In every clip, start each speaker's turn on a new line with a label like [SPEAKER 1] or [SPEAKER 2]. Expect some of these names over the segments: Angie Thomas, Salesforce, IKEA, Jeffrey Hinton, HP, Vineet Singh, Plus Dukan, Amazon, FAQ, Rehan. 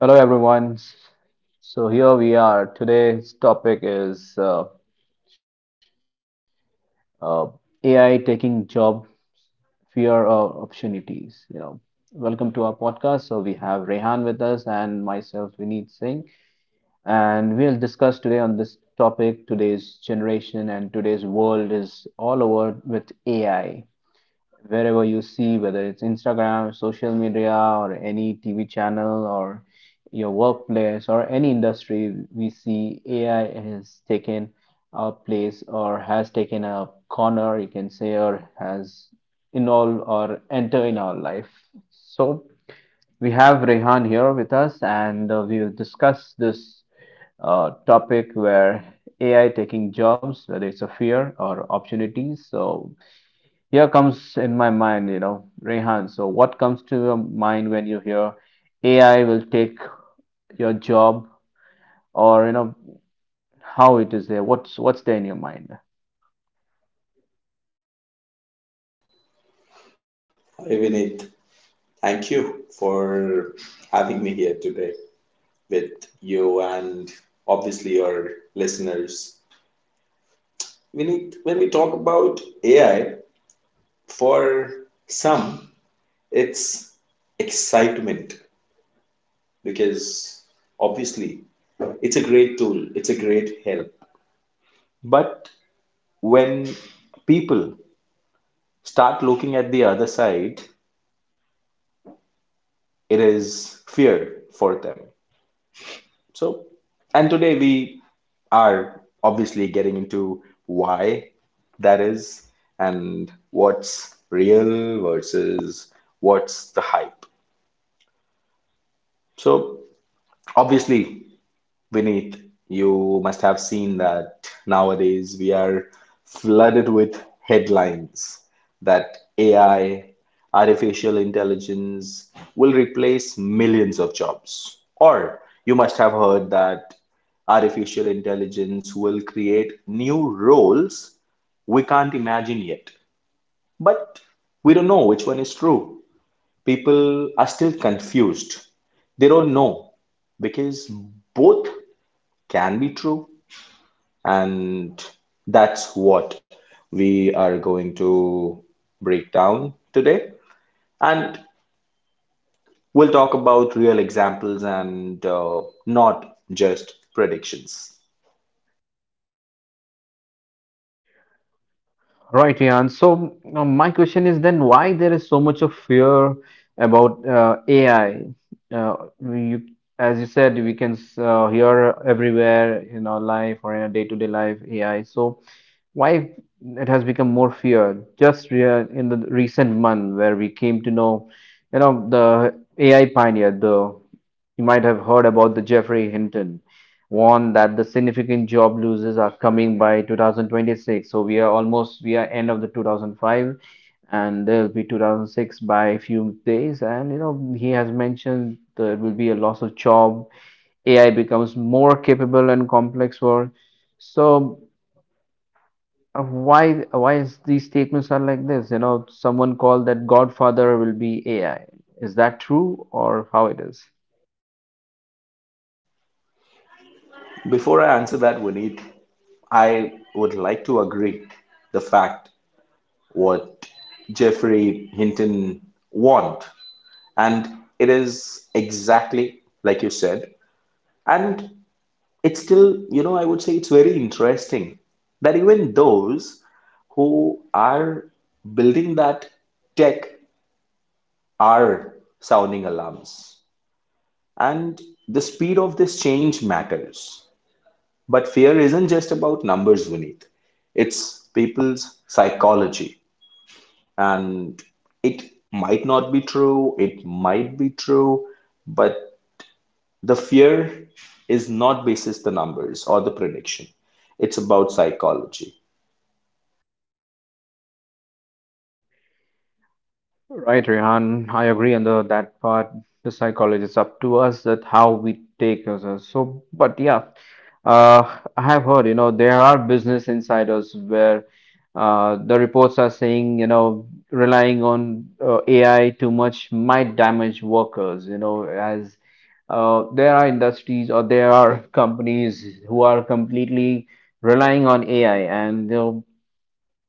[SPEAKER 1] Hello everyone. So here we are. Today's topic is uh, AI taking job, fear or opportunities. You know, welcome to our podcast. So we have Rehan with us and myself, Vineet Singh, and we'll discuss today on this topic. Today's generation and today's world is all over with AI. Wherever you see, whether it's Instagram, social media, or any TV channel, or your workplace, or any industry, we see AI has taken a place or has taken a corner, you can say, or has involved or enter in our life. So we have Rehan here with us, and we will discuss this topic where AI taking jobs, whether it's a fear or opportunities. So here comes in my mind, you know, Rehan. So, what comes to your mind when you hear AI will take your job, or you know, how it is there? What's there in your mind?
[SPEAKER 2] Hi Vinit, thank you for having me here today with you and obviously your listeners. Vinit, when we talk about AI, for some, it's excitement because obviously it's a great tool, it's a great help. But when people start looking at the other side, it is fear for them. So, and today we are obviously getting into why that is and what's real versus what's the hype. So, obviously, Vineet, you must have seen that nowadays we are flooded with headlines that AI, artificial intelligence will replace millions of jobs. Or you must have heard that artificial intelligence will create new roles we can't imagine yet. But we don't know which one is true. People are still confused. They don't know because both can be true, and that's what we are going to break down today. And we'll talk about real examples and not just predictions.
[SPEAKER 1] Right, Ian. So my question is then why there is so much of fear about AI? Uh, you, as you said, we can hear everywhere in our life or in our day-to-day life AI. So why it has become more fear just in the recent month where we came to know, you know, the AI pioneer, the you might have heard about the Jeffrey Hinton, warned that the significant job losses are coming by 2026. So we are almost we are end of the 2005 and there'll be 2006 by a few days. And you know he has mentioned there will be a loss of job. AI becomes more capable and complex work. So why is these statements are like this? You know someone called that Godfather will be AI. Is that true or how it is?
[SPEAKER 2] Before I answer that, Vineet, I would like to agree the fact what Jeffrey Hinton want, and it is exactly like you said. And it's still, you know, I would say it's very interesting that even those who are building that tech are sounding alarms. And the speed of this change matters. But fear isn't just about numbers, Vineet. It's people's psychology. And it might not be true, it might be true, but the fear is not basis the numbers or the prediction. It's about psychology.
[SPEAKER 1] Right, Rehan, I agree on the that part. The psychology is up to us that how we take ourselves. So, but yeah, I have heard, you know, there are business insiders where the reports are saying, you know, relying on AI too much might damage workers, you know, as there are industries or there are companies who are completely relying on AI and they'll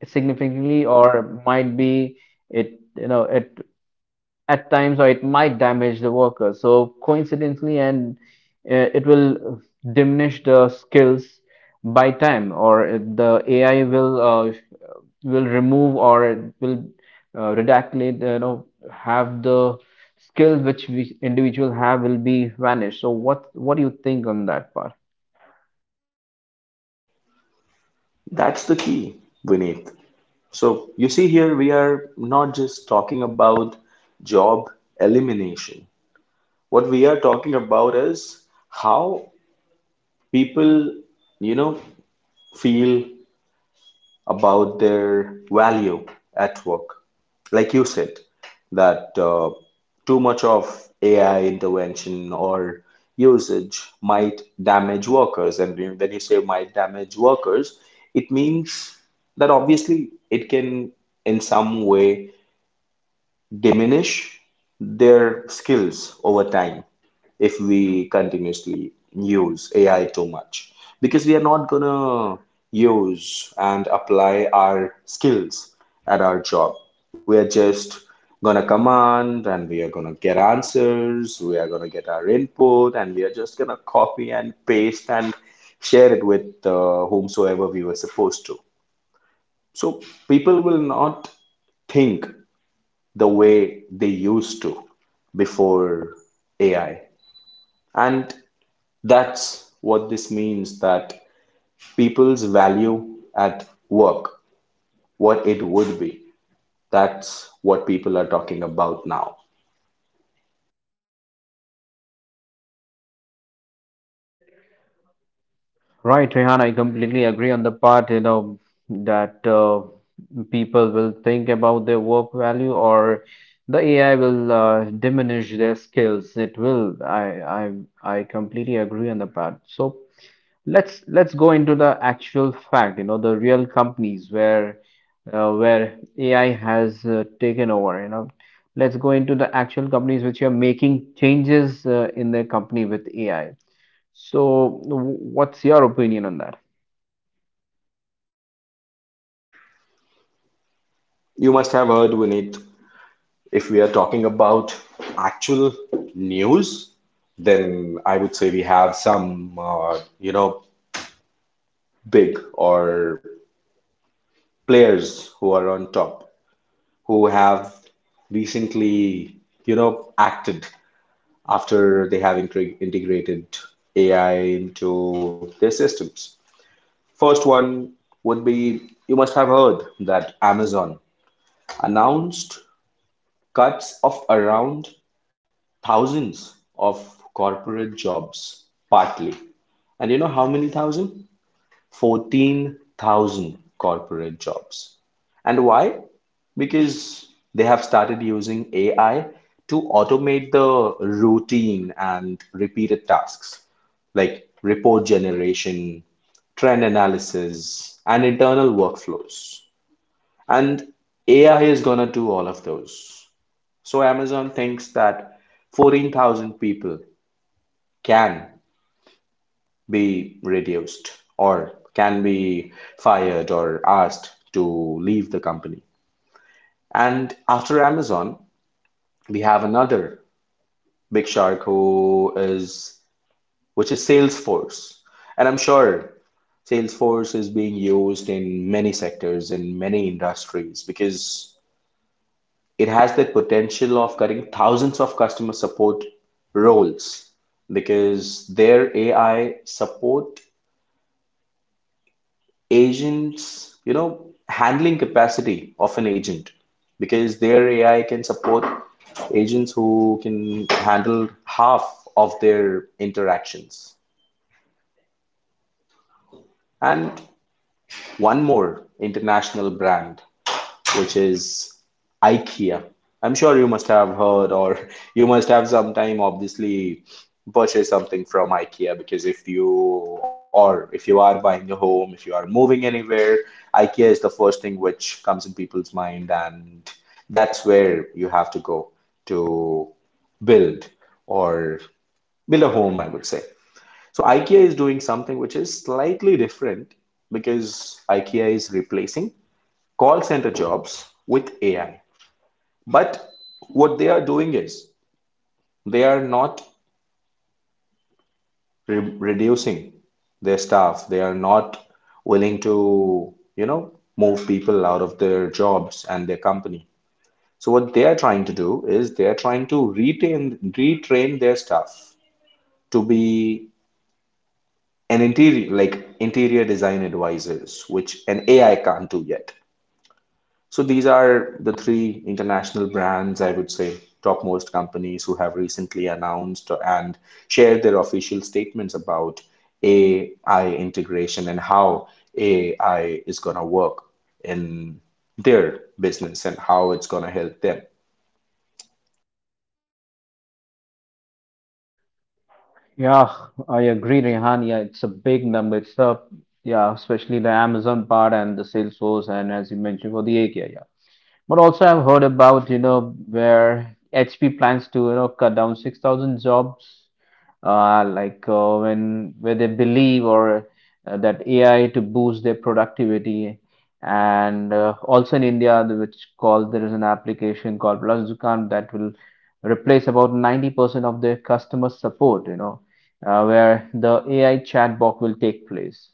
[SPEAKER 1] significantly or might be it you know it at times, or it might damage the worker so coincidentally, and it will diminish the skills by time, or the AI will remove or it will redactate, you know, have the skills which we individual have will be vanished. So what do you think on that part?
[SPEAKER 2] That's the key, Vineet. So, you see, here we are not just talking about job elimination. What we are talking about is how people, you know, feel about their value at work. Like you said, that too much of AI intervention or usage might damage workers. And when you say might damage workers, it means that obviously it can, in some way, diminish their skills over time if we continuously use AI too much because we are not gonna use and apply our skills at our job. We are just gonna command and we are gonna get answers, we are gonna get our input, and we are just gonna copy and paste and share it with whomsoever we were supposed to. So people will not think the way they used to before AI. And that's what this means that people's value at work, what it would be. That's what people are talking about now.
[SPEAKER 1] Right, Rehan, I completely agree on the part, you know, that people will think about their work value or the AI will diminish their skills. It will. I completely agree on the part. So let's go into the actual fact, you know, the real companies where where AI has taken over, you know. Let's go into the actual companies which are making changes in their company with AI. So, what's your opinion on that?
[SPEAKER 2] You must have heard, Vineet, if we are talking about actual news, then I would say we have some, you know, big or players who are on top, who have recently, you know, acted after they have integrated AI into their systems. First one would be you must have heard that Amazon announced cuts of around thousands of corporate jobs, partly. And you know how many thousand? 14,000 corporate jobs. And why? Because they have started using AI to automate the routine and repeated tasks like report generation, trend analysis, and internal workflows. And AI is going to do all of those. So Amazon thinks that 14,000 people can be reduced or can be fired or asked to leave the company. And after Amazon, we have another Big Shark, who is, which is Salesforce. And I'm sure Salesforce is being used in many sectors, in many industries, because it has that potential of cutting thousands of customer support roles because their AI support agents, you know, handling capacity of an agent because their AI can support agents who can handle half of their interactions. And one more international brand, which is IKEA. I'm sure you must have heard, or you must have sometime obviously purchased something from IKEA because if you or if you are buying a home, if you are moving anywhere, IKEA is the first thing which comes in people's mind, and that's where you have to go to build or build a home, I would say. So IKEA is doing something which is slightly different because IKEA is replacing call center jobs with AI. But what they are doing is they are not reducing their staff. They are not willing to, you know, move people out of their jobs and their company. So what they are trying to do is they are trying to retain, retrain their staff to be an interior, like interior design advisors, which an AI can't do yet. So these are the three international brands, I would say, topmost companies who have recently announced and shared their official statements about AI integration and how AI is going to work in their business and how it's going to help them.
[SPEAKER 1] Yeah, I agree, Rehan. Yeah, it's a big number. It's a yeah, especially the Amazon part and the Salesforce, and as you mentioned, for the API. But also, I've heard about, you know, where HP plans to, you know, cut down 6,000 jobs, when where they believe or that AI to boost their productivity. And also in India, the- which called there is an application called Plus Dukan that will replace about 90% of their customer support, you know, where the AI chatbot will take place,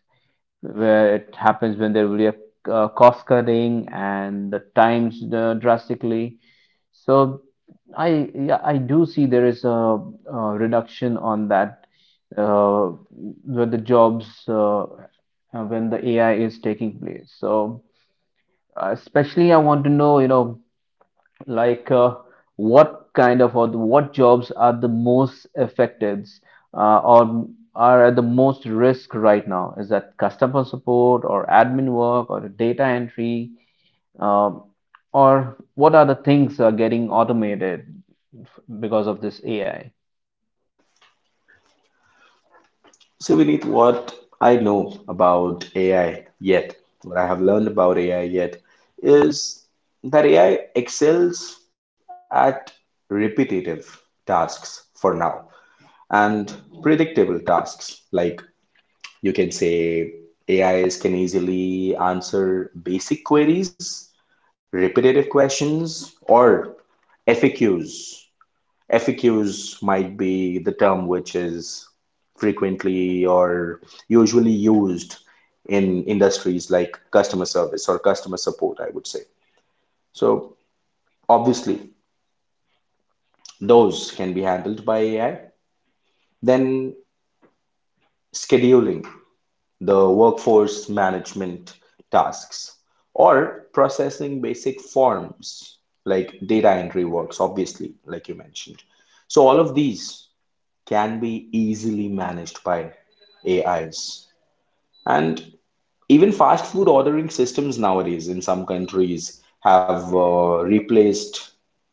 [SPEAKER 1] where it happens when there will be a cost cutting and the times drastically. So I yeah, I do see there is a, reduction on that where the jobs when the AI is taking place. So especially I want to know, you know, like uh, what kind of or what jobs are the most affected or are at the most risk right now? Is that customer support or admin work or data entry? Um, or what are the things are getting automated because of this AI?
[SPEAKER 2] So, Vineet, what I know about AI yet, what I have learned about AI yet, is that AI excels at repetitive tasks for now and predictable tasks like you can say AIs can easily answer basic queries repetitive questions or FAQs. FAQs might be the term which is frequently or usually used in industries like customer service or customer support, I would say. So obviously those can be handled by AI. Then scheduling, the workforce management tasks, or processing basic forms like data entry works, obviously, like you mentioned. So, all of these can be easily managed by AIs. And even fast food ordering systems nowadays in some countries have replaced,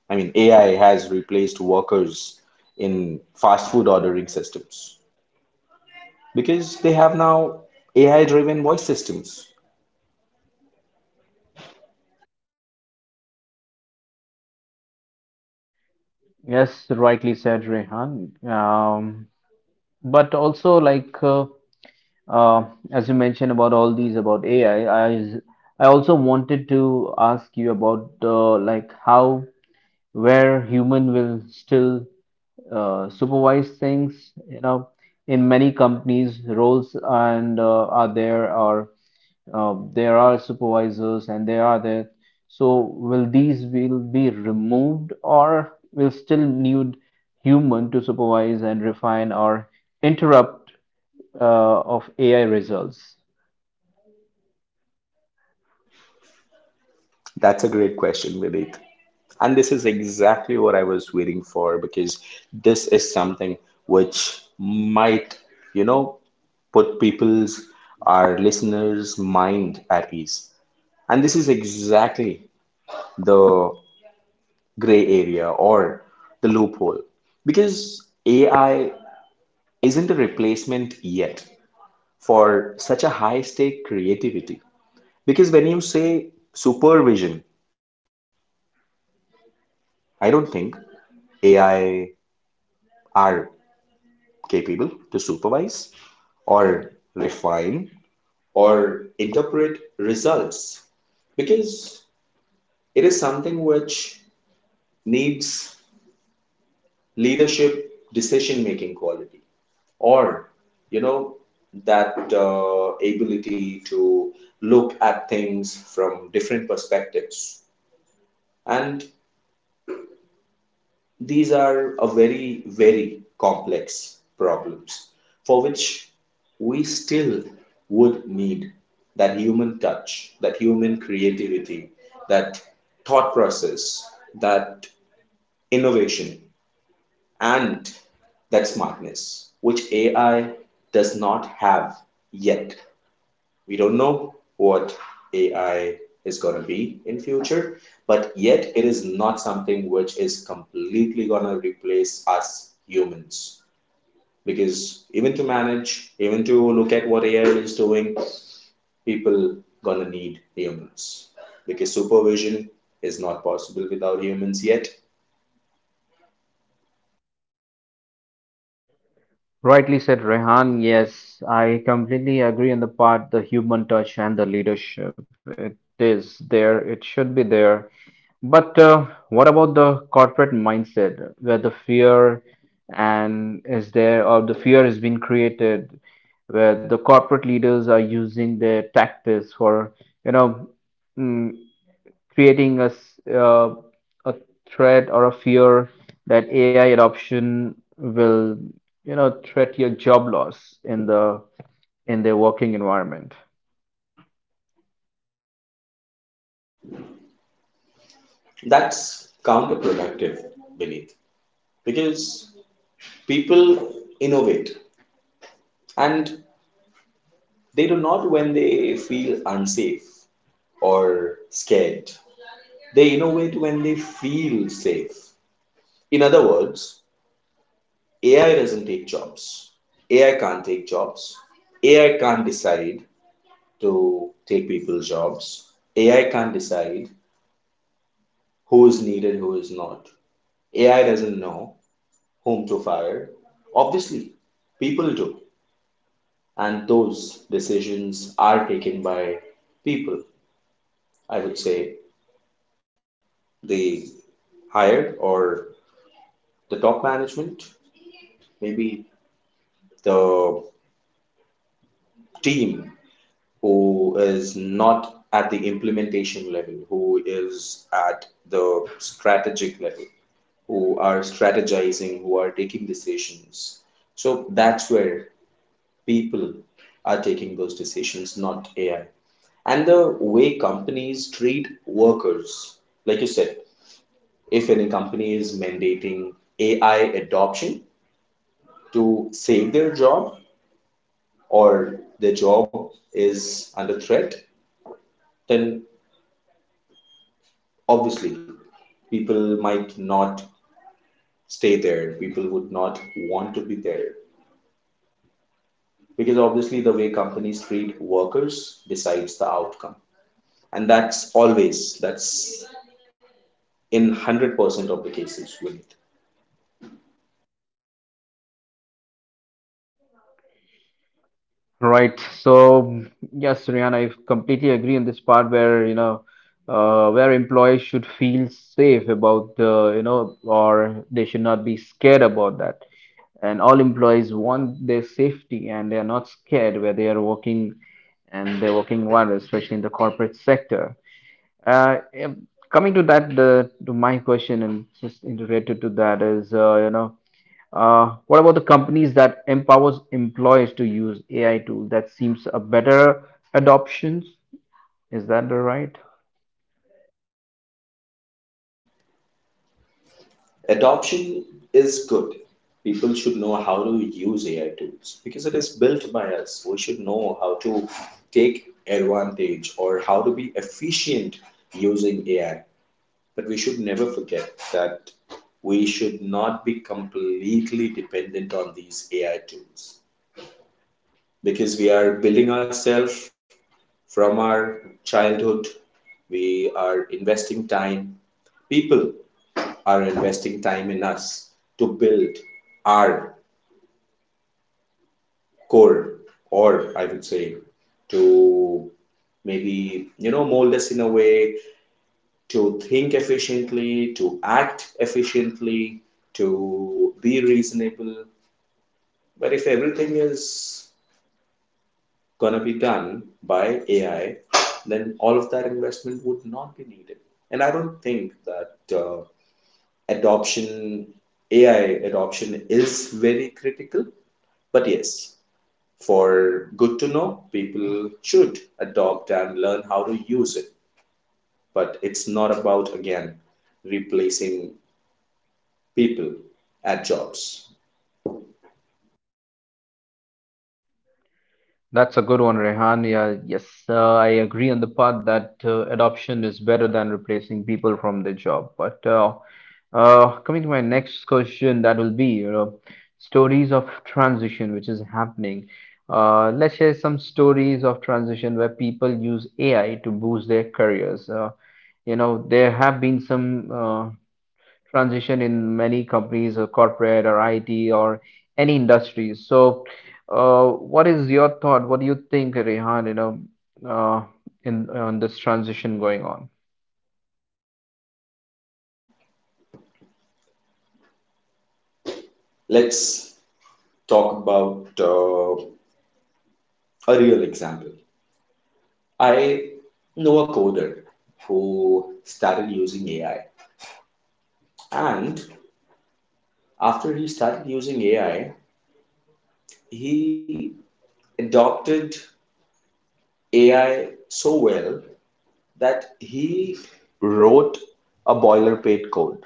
[SPEAKER 2] I mean, AI has replaced workers in fast food ordering systems because they have now AI driven voice systems.
[SPEAKER 1] Yes, rightly said, Rehan. But also Uh, as you mentioned about all these about AI, I also wanted to ask you about like how where human will still supervise things. You know, in many companies, roles and are there are there are supervisors and they are there. So will these will be removed or will still need human to supervise and refine or interrupt of AI results?
[SPEAKER 2] That's a great question, Vidit. And this is exactly what I was waiting for because this is something which might, you know, put people's, our listeners' mind at ease. And this is exactly the gray area or the loophole because AI isn't a replacement yet for such a high stake creativity. Because when you say supervision, I don't think AI are capable to supervise or refine or interpret results because it is something which needs leadership decision making quality or you know that ability to look at things from different perspectives and these are a very, very complex problems for which we still would need that human touch, that human creativity, that thought process, that innovation, and that smartness, which AI does not have yet. We don't know what AI is going to be in future, but yet it is not something which is completely going to replace us humans. Because even to manage, even to look at what AI is doing, people gonna need humans. Because supervision is not possible without humans yet.
[SPEAKER 1] Rightly said, Rehan. Yes, I completely agree on the part, the human touch and the leadership. It is there, it should be there. But what about the corporate mindset where the fear and is there, or the fear has been created where the corporate leaders are using their tactics for, you know, mm, creating a, a threat or a fear that AI adoption will, you know, threat your job loss in the working environment.
[SPEAKER 2] That's counterproductive, Beneath. Because people innovate and they do not when they feel unsafe or scared. They innovate when they feel safe. In other words, AI doesn't take jobs. AI can't take jobs. AI can't decide to take people's jobs. AI can't decide who is needed, who is not. AI doesn't know whom to fire. Obviously, people do. And those decisions are taken by people. I would say the higher or the top management maybe the team who is not at the implementation level, who is at the strategic level, who are strategizing, who are taking decisions. So that's where people are taking those decisions, not AI. And the way companies treat workers, like you said, if any company is mandating AI adoption to save their job, or their job is under threat, then obviously people might not stay there. People would not want to be there because obviously the way companies treat workers decides the outcome. And that's always, that's in 100% of the cases, Vineet.
[SPEAKER 1] Right. So yes, Rihanna, I completely agree on this part where you know where employees should feel safe about you know, or they should not be scared about that. And all employees want their safety and they are not scared where they are working and they're working environment, especially in the corporate sector. Uh, Coming to that, the, to my question and just in related to that is you know, what about the companies that empowers employees to use AI tools? That seems a better adoption. Is that the right?
[SPEAKER 2] Adoption is good. People should know how to use AI tools because it is built by us. We should know how to take advantage or how to be efficient using AI. But we should never forget that we should not be completely dependent on these AI tools because we are building ourselves from our childhood. We are investing time. People are investing time in us to build our core, or I would say to maybe, you know, mold us in a way to think efficiently, to act efficiently, to be reasonable. But if everything is going to be done by AI, then all of that investment would not be needed. And I don't think that adoption, AI adoption, is very critical. But yes, for good to know, people should adopt and learn how to use it. But it's not about, again, replacing people at jobs.
[SPEAKER 1] That's a good one, Rehan. Yeah, yes, I agree on the part that adoption is better than replacing people from the job. But coming to my next question, that will be, you know, stories of transition which is happening. Let's share some stories of transition where people use AI to boost their careers. You know, there have been some transition in many companies or corporate or IT or any industry. So, what is your thought? What do you think, Rehan, you know, uh, in on this transition going on?
[SPEAKER 2] Let's talk about a real example. I know a coder who started using AI, and after he started using AI, he adopted AI so well that he wrote a boilerplate code.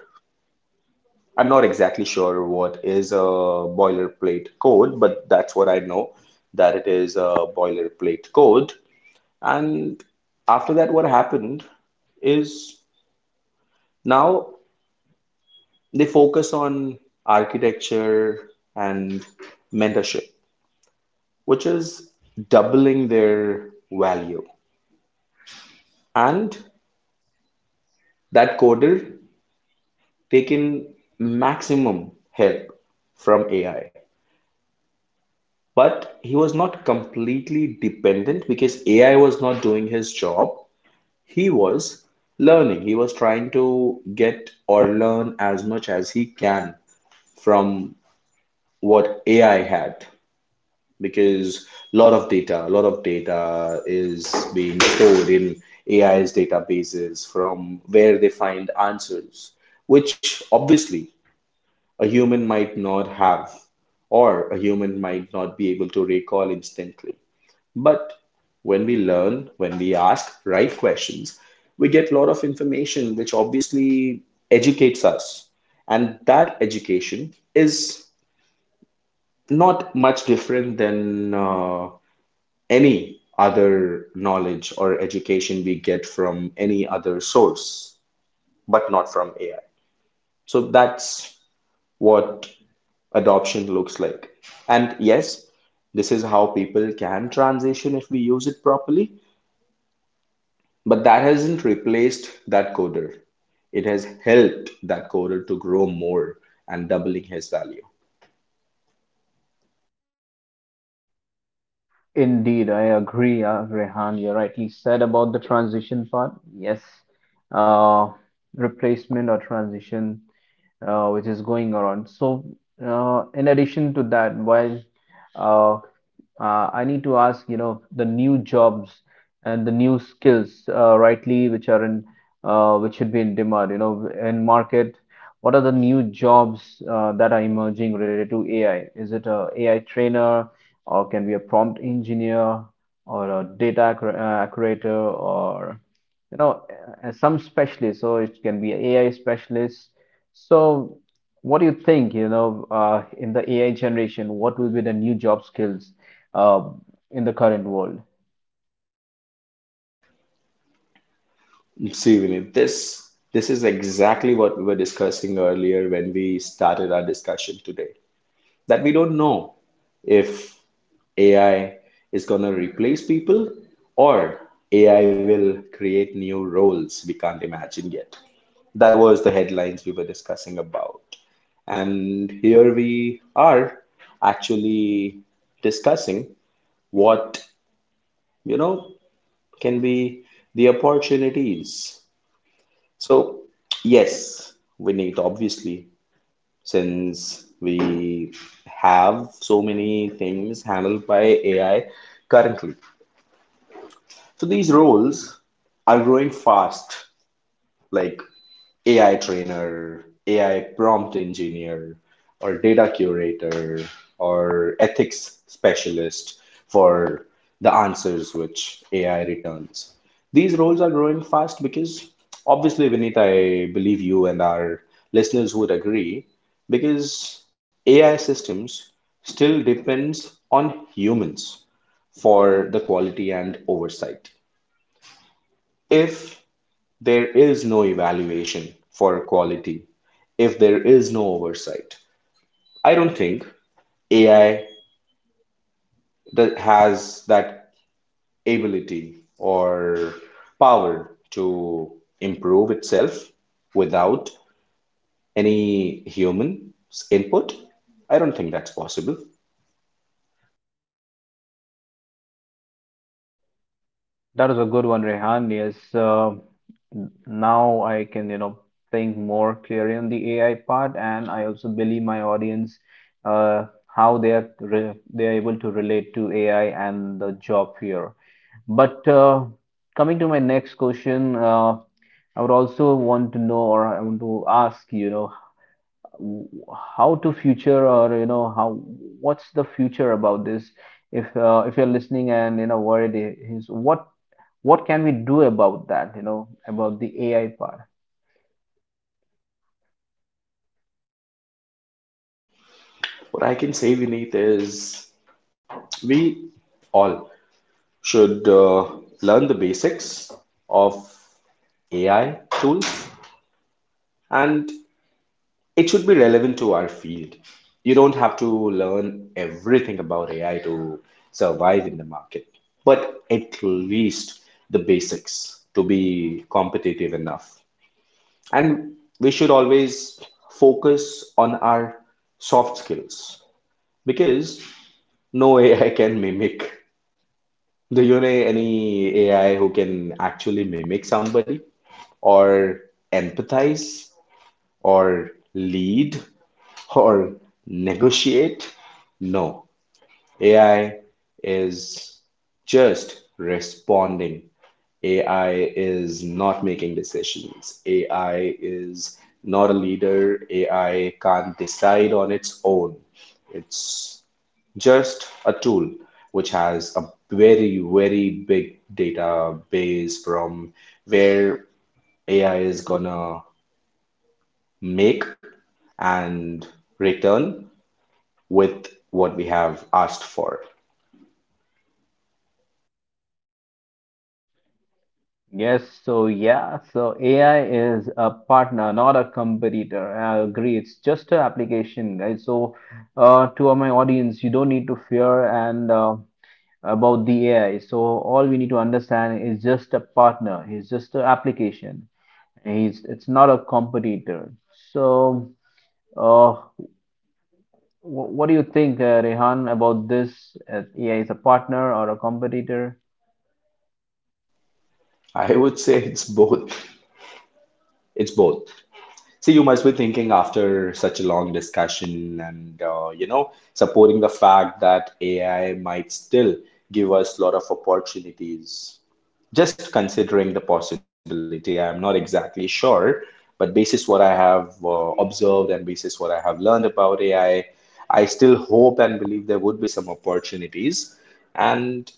[SPEAKER 2] I'm not exactly sure what is a boilerplate code, but that's what I know that it is a boilerplate code. And after that, what happened is now they focus on architecture and mentorship, which is doubling their value. And that coder taking maximum help from AI, but he was not completely dependent because AI was not doing his job. He was learning. He was trying to get or learn as much as he can from what AI had, because a lot of data, a lot of data is being stored in AI's databases from where they find answers, which obviously a human might not have, or a human might not be able to recall instantly. But when we learn, when we ask right questions, we get a lot of information which obviously educates us. And that education is not much different than any other knowledge or education we get from any other source, but not from AI. So that's what adoption looks like. And yes, this is how people can transition if we use it properly. But that hasn't replaced that coder. It has helped that coder to grow more and doubling his value.
[SPEAKER 1] Indeed, I agree, Rehan. You rightly said about the transition part. Yes, uh, replacement or transition. Which is going around. So, in addition to that, while uh, I need to ask, you know, the new jobs and the new skills, rightly, which are in, which should be in demand, you know, in market. What are the new jobs that are emerging related to AI? Is it a AI trainer, or can be a prompt engineer, or a accurator, or you know, some specialist. So it can be a AI specialist so, what do you think, you know, in the AI generation, what will be the new job skills uh, in the current world?
[SPEAKER 2] See, Vinit, this is exactly what we were discussing earlier when we started our discussion today. That we don't know if AI is going to replace people, or AI will create new roles we can't imagine yet. That was the headlines we were discussing about. And here we are actually discussing what, you know, can be the opportunities. So, yes, we need, obviously, since we have so many things handled by AI currently. So these roles are growing fast. Like, AI trainer, AI prompt engineer, or data curator, or ethics specialist for the answers which AI returns. These roles are growing fast because, obviously, Vinita, I believe you and our listeners would agree, because AI systems still depends on humans for the quality and oversight. If there is no evaluation for quality, if there is no oversight, I don't think AI that has that ability or power to improve itself without any human's input. I don't think that's possible.
[SPEAKER 1] That was a good one, Rehan. Yes, now I can, you know, think more clearly on the AI part, and I also believe my audience uh, how they are re they are able to relate to AI and the job here. But coming to my next question, I would also want to know, or I want to ask, you know, how to future or you know how what's the future about this, if you're listening and you know worried is what can we do about that, you know, about the AI part?
[SPEAKER 2] What I can say, Vineet, is we all should learn the basics of AI tools, and it should be relevant to our field. You don't have to learn everything about AI to survive in the market, but at least the basics to be competitive enough. And we should always focus on our soft skills, because no AI can mimic. Do you know any AI who can actually mimic somebody, or empathize, or lead, or negotiate? No, AI is just responding. AI is not making decisions. AI is not a leader. AI can't decide on its own. It's just a tool which has a very, very big database from where AI is gonna make and return with what we have asked for.
[SPEAKER 1] Yes, so yeah, so AI is a partner, not a competitor. I agree, it's just an application, guys. So to all my audience, you don't need to fear and about the AI. So all we need to understand is just a partner, it's just an application. He's it's not a competitor. So, uh, wh- what do you think, Rehan, about this? Yeah, he's a partner or a competitor?
[SPEAKER 2] I would say it's both. It's both. See, you must be thinking, after such a long discussion and, you know, supporting the fact that AI might still give us a lot of opportunities. Just considering the possibility, I'm not exactly sure, but basis what I have observed, and basis what I have learned about AI, I still hope and believe there would be some opportunities. And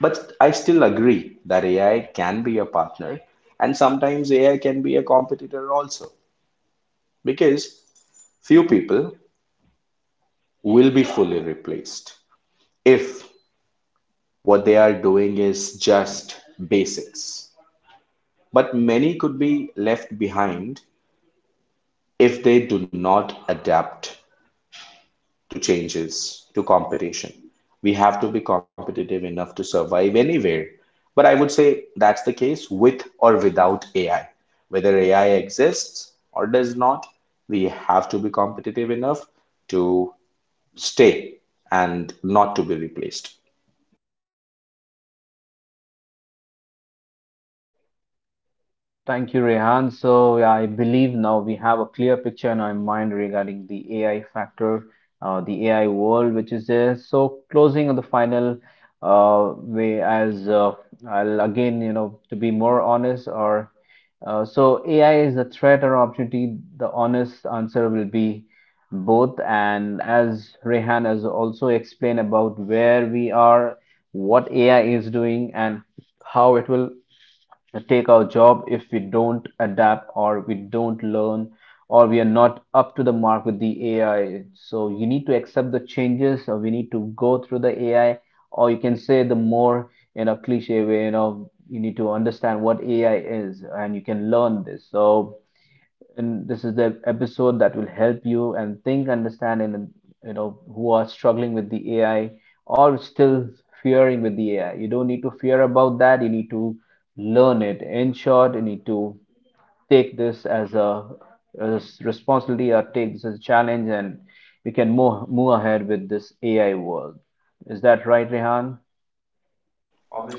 [SPEAKER 2] But I still agree that AI can be a partner, and sometimes AI can be a competitor also, because few people will be fully replaced if what they are doing is just basics. But many could be left behind if they do not adapt to changes, to competition. We have to be competitive enough to survive anywhere. But I would say that's the case with or without AI. Whether AI exists or does not, we have to be competitive enough to stay and not to be replaced.
[SPEAKER 1] Thank you, Rehan. So yeah, I believe now we have a clear picture in our mind regarding the AI factor, the AI world which is there. So closing on the final way, as I'll again, you know, to be more honest, or so AI is a threat or opportunity. The honest answer will be both. And as Rehan has also explained about where we are, what AI is doing, and how it will take our job if we don't adapt or we don't learn or we are not up to the mark with the AI. So you need to accept the changes, or we need to go through the AI, or you can say the more in a cliche way, you know, you need to understand what AI is and you can learn this. So and this is the episode that will help you and think, understand, and you know who are struggling with the AI or still fearing with the AI. You don't need to fear about that. You need to learn it. In short, you need to take this as a, as responsibility, or take this as a challenge, and we can move ahead with this AI world. Is that right, Rehan?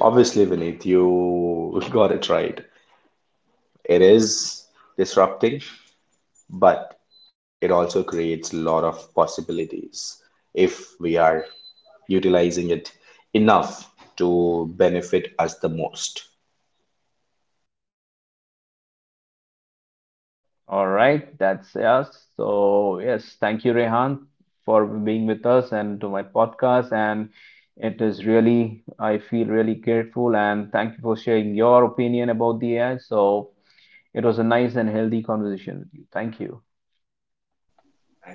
[SPEAKER 2] Obviously, Vineet, you got it right. It is disrupting, but it also creates a lot of possibilities if we are utilizing it enough to benefit us the most.
[SPEAKER 1] All right, that's us. So, yes, thank you, Rehan, for being with us and to my podcast. And it is really, I feel really grateful and thank you for sharing your opinion about the AI. So, it was a nice and healthy conversation with you. Thank you.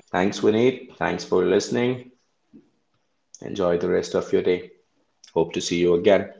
[SPEAKER 2] Thanks, Vineet. Thanks for listening. Enjoy the rest of your day. Hope to see you again.